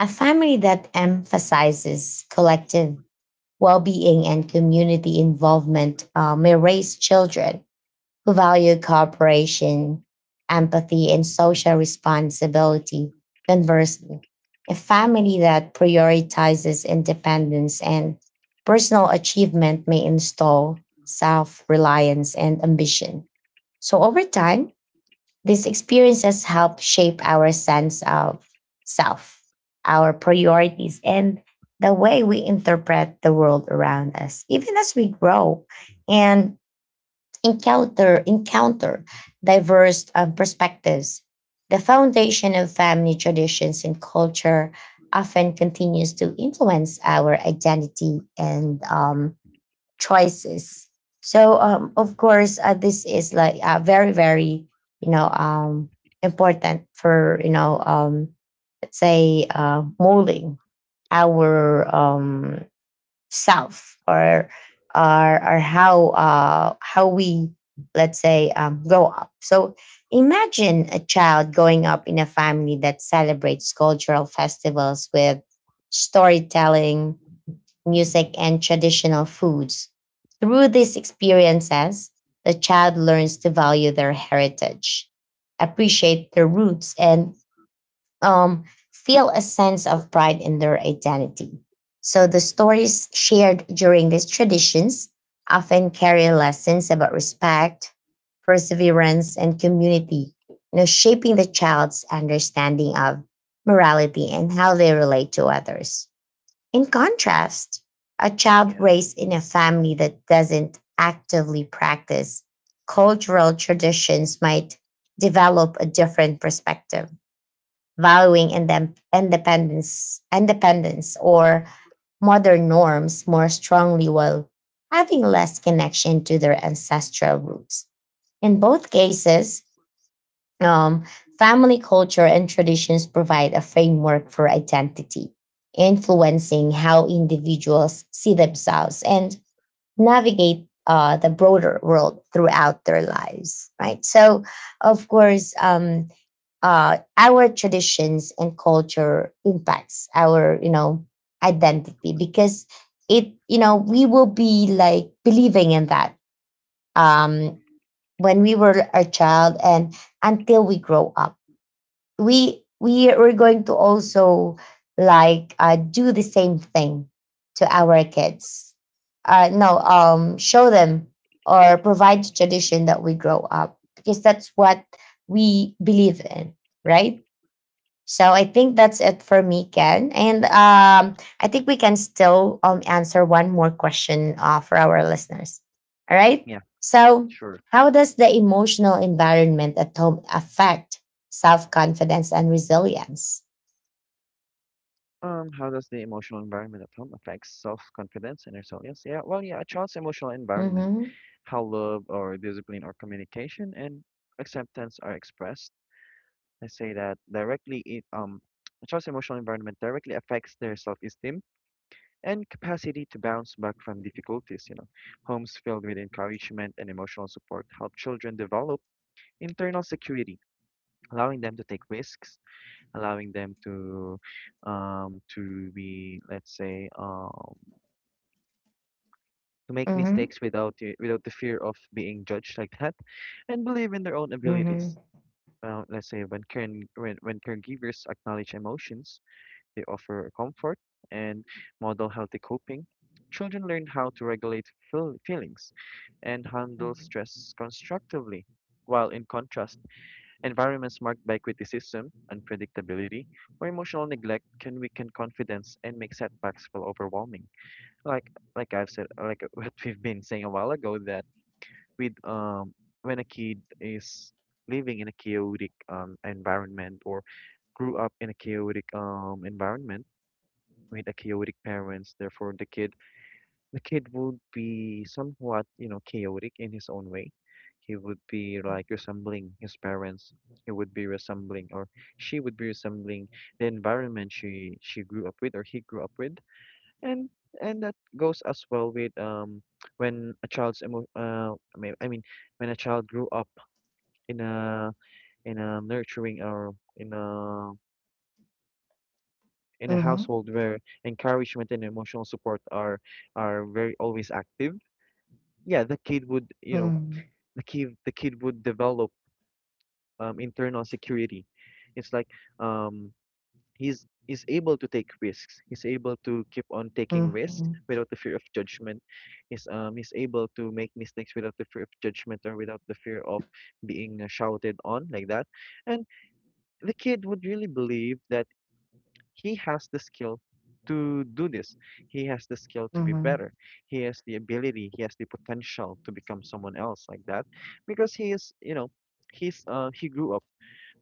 a family that emphasizes collective well being and community involvement may raise children who value cooperation, empathy, and social responsibility. Conversely, a family that prioritizes independence and personal achievement may install self reliance and ambition. So, over time, these experiences help shape our sense of self, our priorities, and the way we interpret the world around us, even as we grow. And encounter diverse perspectives. The foundation of family traditions and culture often continues to influence our identity and choices. So, of course, this is like very, very, you know, um, important for let's say, molding our self or how we let's say grow up. So imagine a child growing up in a family that celebrates cultural festivals with storytelling, music, and traditional foods. Through these experiences, the child learns to value their heritage, appreciate their roots, and um, feel a sense of pride in their identity. So the stories shared during these traditions often carry lessons about respect, perseverance, and community, you know, shaping the child's understanding of morality and how they relate to others. In contrast, a child
Yeah,
raised in a family that doesn't actively practice cultural traditions might develop a different perspective, valuing independence, independence or modern norms more strongly while having less connection to their ancestral roots. In both cases, um, family culture and traditions provide a framework for identity, influencing how individuals see themselves and navigate the broader world throughout their lives, right? So, of course, our traditions and culture impacts our, you know, identity because, it, you know, we will be like believing in that um when we were a child, and until we grow up we are going to also like do the same thing to our kids, no show them or provide the tradition that we grow up because that's what we believe in, right? So I think that's it for me, Ken. And I think we can still answer one more question for our listeners. All right.
yeah,
So,
sure.
how does the emotional environment at home affect self confidence and resilience?
How does the emotional environment at home affect self-confidence and resilience? Yeah, well, yeah, a child's emotional environment,
Mm-hmm.
how love, or discipline, or communication and acceptance are expressed, let's say, that directly, a child's emotional environment directly affects their self-esteem and capacity to bounce back from difficulties. Homes filled with encouragement and emotional support help children develop internal security, allowing them to take risks, allowing them to be let's say to make
Mm-hmm.
mistakes without without the fear of being judged like that, and believe in their own
Mm-hmm.
abilities. Let's say, when, caregivers acknowledge emotions, they offer comfort and model healthy coping. Children learn how to regulate, feelings, and handle stress constructively, while in contrast, environments marked by criticism, unpredictability, or emotional neglect can weaken confidence and make setbacks feel overwhelming. Like like I've said, like, what we've been saying a while ago, that with, when a kid is living in a chaotic, environment, or grew up in a chaotic, environment, with a chaotic parents, therefore the kid would be somewhat, chaotic in his own way. He would be like resembling his parents. He would be resembling, or she would be resembling the environment she grew up with, or he grew up with. And and that goes as well with, when a child's emo- I mean when a child grew up in a, in a nurturing, or in a
Mm-hmm.
household where encouragement and emotional support are very, always active. Yeah, the kid would, you know,
Mm-hmm.
the kid would develop, internal security. It's like, um, he's is able to take risks. He's able to keep on taking risks
Mm-hmm.
without the fear of judgment. He's able to make mistakes without the fear of judgment, or without the fear of being, shouted on like that. And the kid would really believe that he has the skill to do this. He has the skill to be
Mm-hmm.
better. He has the ability, he has the potential to become someone else like that, because he is, you know, he's he grew up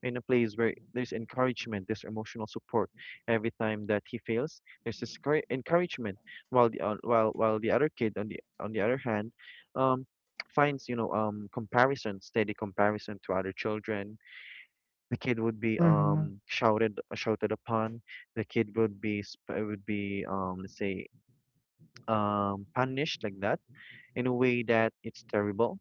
in a place where there's encouragement, there's emotional support. Every time that he fails, there's this encouragement while the while the other kid on the other hand um finds, comparison, steady comparison to other children. The kid would be
Mm-hmm.
shouted upon. The kid would be let's say punished like that, in a way that it's terrible.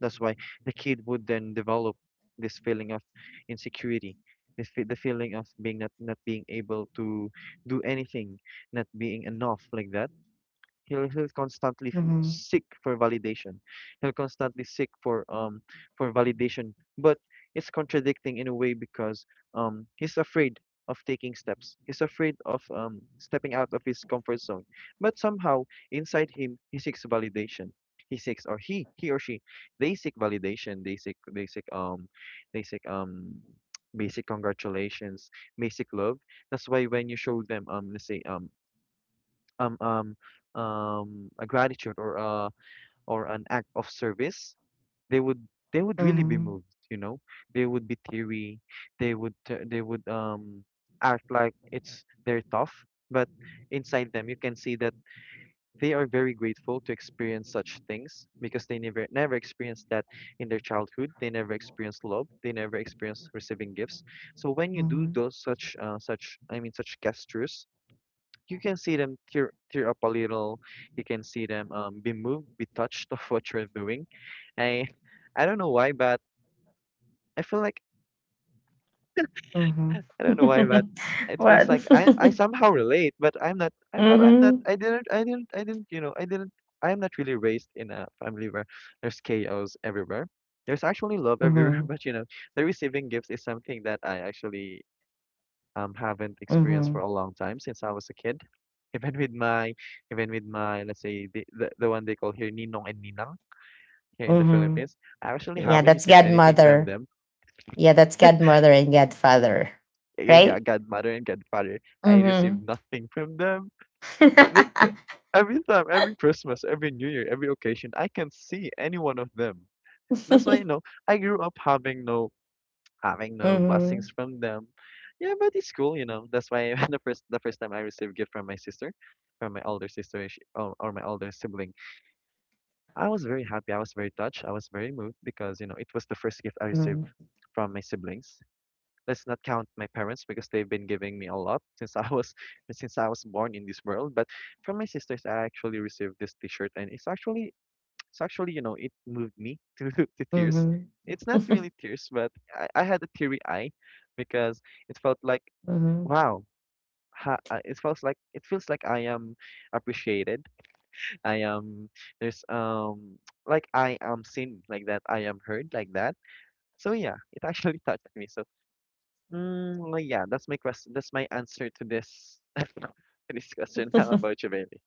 That's why the kid would then develop this feeling of insecurity, the feeling of being not, not being able to do anything, not being enough like that. He'll constantly seek for validation. He'll constantly seek for validation. But it's contradicting in a way because he's afraid of taking steps. He's afraid of stepping out of his comfort zone. But somehow inside him he seeks validation. He seeks, or he or she, they seek validation. They seek basic congratulations, basic love. That's why when you show them let's say um um a gratitude, or a or an act of service, they would they would really be
Mm-hmm.
moved, you know. They would be teary. They would act like it's they're tough, but inside them you can see that they are very grateful to experience such things because they never experienced that in their childhood. They never experienced love. They never experienced receiving gifts. So when you do
Mm-hmm.
those such such I mean such gestures, you can see them tear up a little. You can see them be moved, be touched of what you're doing. I I don't know why, but I feel like,
Mm-hmm.
I don't know why, but it feels
What?
like I somehow relate, but I'm not. I but I'm not.
Mm-hmm.
I didn't. You know. I didn't. I'm not really raised in a family where there's chaos everywhere. There's actually love everywhere,
Mm-hmm.
but you know, the receiving gifts is something that I actually haven't experienced for
Mm-hmm.
a long time since I was a kid. Even with my, even with my, let's say the one they call here ninong and ninang here in the
Mhm.
Philippines, I actually
Yeah,
haven't
that's
received anything from
godmother.
them.
Yeah, that's godmother and godfather,
Yeah, yeah,
right?
godmother and godfather, I received
Mhm.
nothing from them. They, they, every time, every Christmas, every New Year, every occasion, I can see any one of them. That's why, you know, I grew up having having no blessings
Mhm.
from them. Yeah, but it's cool, you know. That's why the first time I received gift from my sister, from my older sister, or my older sibling, I was very happy. I was very touched. I was very moved because you know it was the first gift I received
Mhm.
from my siblings. Let's not count my parents because they've been giving me a lot since I was since I was born in this world. But from my sisters, I actually received this T-shirt, and it's actually, actually, you know, it moved me to tears.
Mhm.
It's not really tears, but I had a teary eye because it felt like,
Mhm.
wow. It feels like I am appreciated. I am, there's like I am seen like that. I am heard like that. So yeah, it actually touched me. So yeah, that's my question. That's my answer to this to this question. How about you, baby.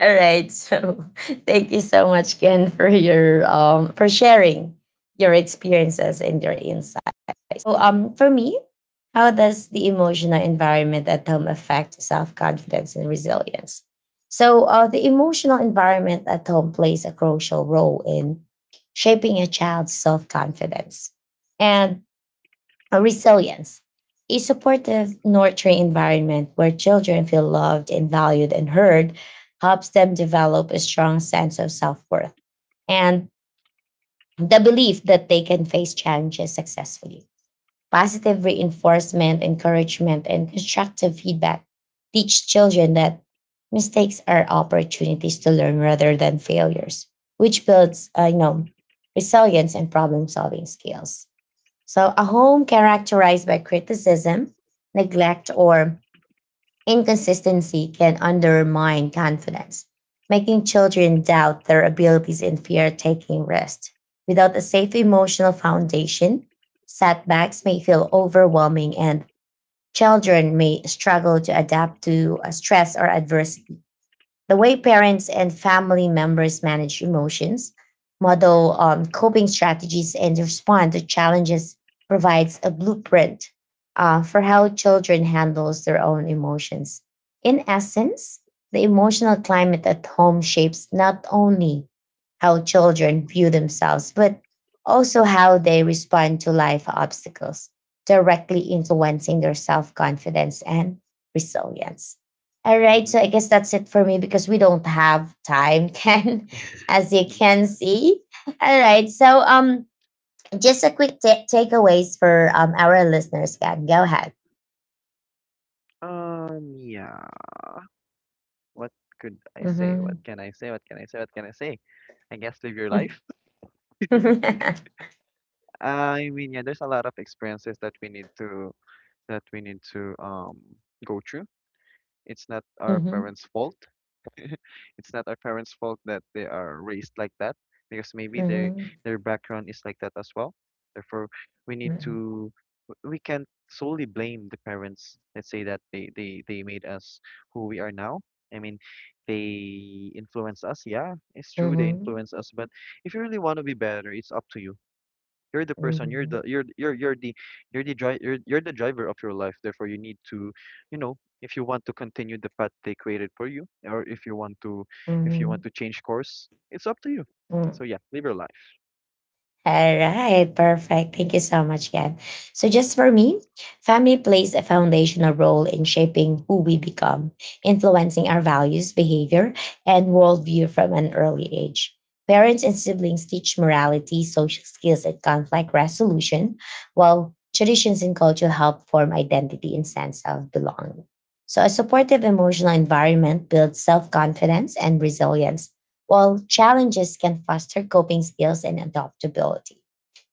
All right. So, thank you so much, Ken, for your for sharing your experiences and your insights. So, um, for me, how does the emotional environment at home affect self-confidence and resilience? So the emotional environment at home plays a crucial role in shaping a child's self-confidence and resilience. A supportive, nurturing environment where children feel loved and valued and heard helps them develop a strong sense of self-worth and the belief that they can face challenges successfully. Positive reinforcement, encouragement, and constructive feedback teach children that mistakes are opportunities to learn rather than failures, which builds, you know, resilience and problem-solving skills. So, a home characterized by criticism, neglect, or inconsistency can undermine confidence, making children doubt their abilities and fear taking risks. Without a safe emotional foundation, setbacks may feel overwhelming and children may struggle to adapt to stress or adversity. The way parents and family members manage emotions, model coping strategies, and respond to challenges provides a blueprint for how children handles their own emotions. In essence, the emotional climate at home shapes not only how children view themselves, but also how they respond to life obstacles, directly influencing their self confidence and resilience. All right,
Mm-hmm.
so I guess that's it for me because we don't have time, Ken, as you can see. All right, so just a quick takeaways for our listeners, Ken. Go ahead.
Yeah. What could I say?
Mm-hmm.
What can I say? I guess live your life.
Mm-hmm.
I mean, yeah, there's a lot of experiences that we need to, that we need to go through. It's not our parents' fault. It's not our parents' fault that they are raised like that because maybe they
Mm-hmm.
their background is like that as well. Therefore, we need to we can't solely blame the parents. Let's say that they they made us who we are now. I mean, they influence us. Yeah, it's true they
Hmm.
influence us, but if you really want to be better, it's up to you. You're the person. You're the you're the you're the you're the driver of your life. Therefore, you need to, you know, if you want to continue the path they created for you, or if you want to, if you want
Hmm.
to change course, it's up to you.
Hmm.
So yeah, live your life.
All right, perfect. Thank you so much, Ken. So, just for me, family plays a foundational role in shaping who we become, influencing our values, behavior, and worldview from an early age. Parents and siblings teach morality, social skills, and conflict resolution, while traditions and culture help form identity and sense of belonging. So, a supportive emotional environment builds self confidence and resilience, while challenges can foster coping skills and adaptability.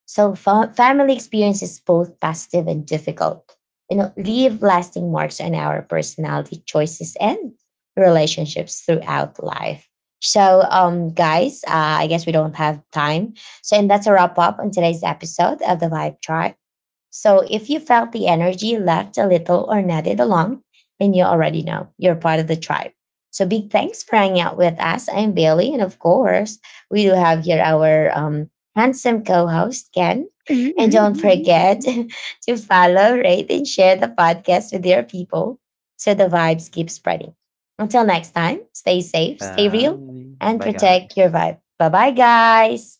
So, family experience is both positive and difficult, you know, leave lasting marks on our personality, choices, and relationships throughout life. So, guys, I guess we don't have time. So, and that's a wrap up on today's episode of the Vibe Tribe. So if you felt the energy left a little or nodded along, then you already know you're part of the tribe. So big thanks for hanging out with us. I'm Bailey, and of course, we do have here our handsome co-host Ken. And don't
Mhm.
forget to follow, rate, and share the podcast with your people so the vibes keep spreading. Until next time, stay safe, stay real,
Bye.
and
Bye,
protect your
guys.
vibe. Bye bye, guys.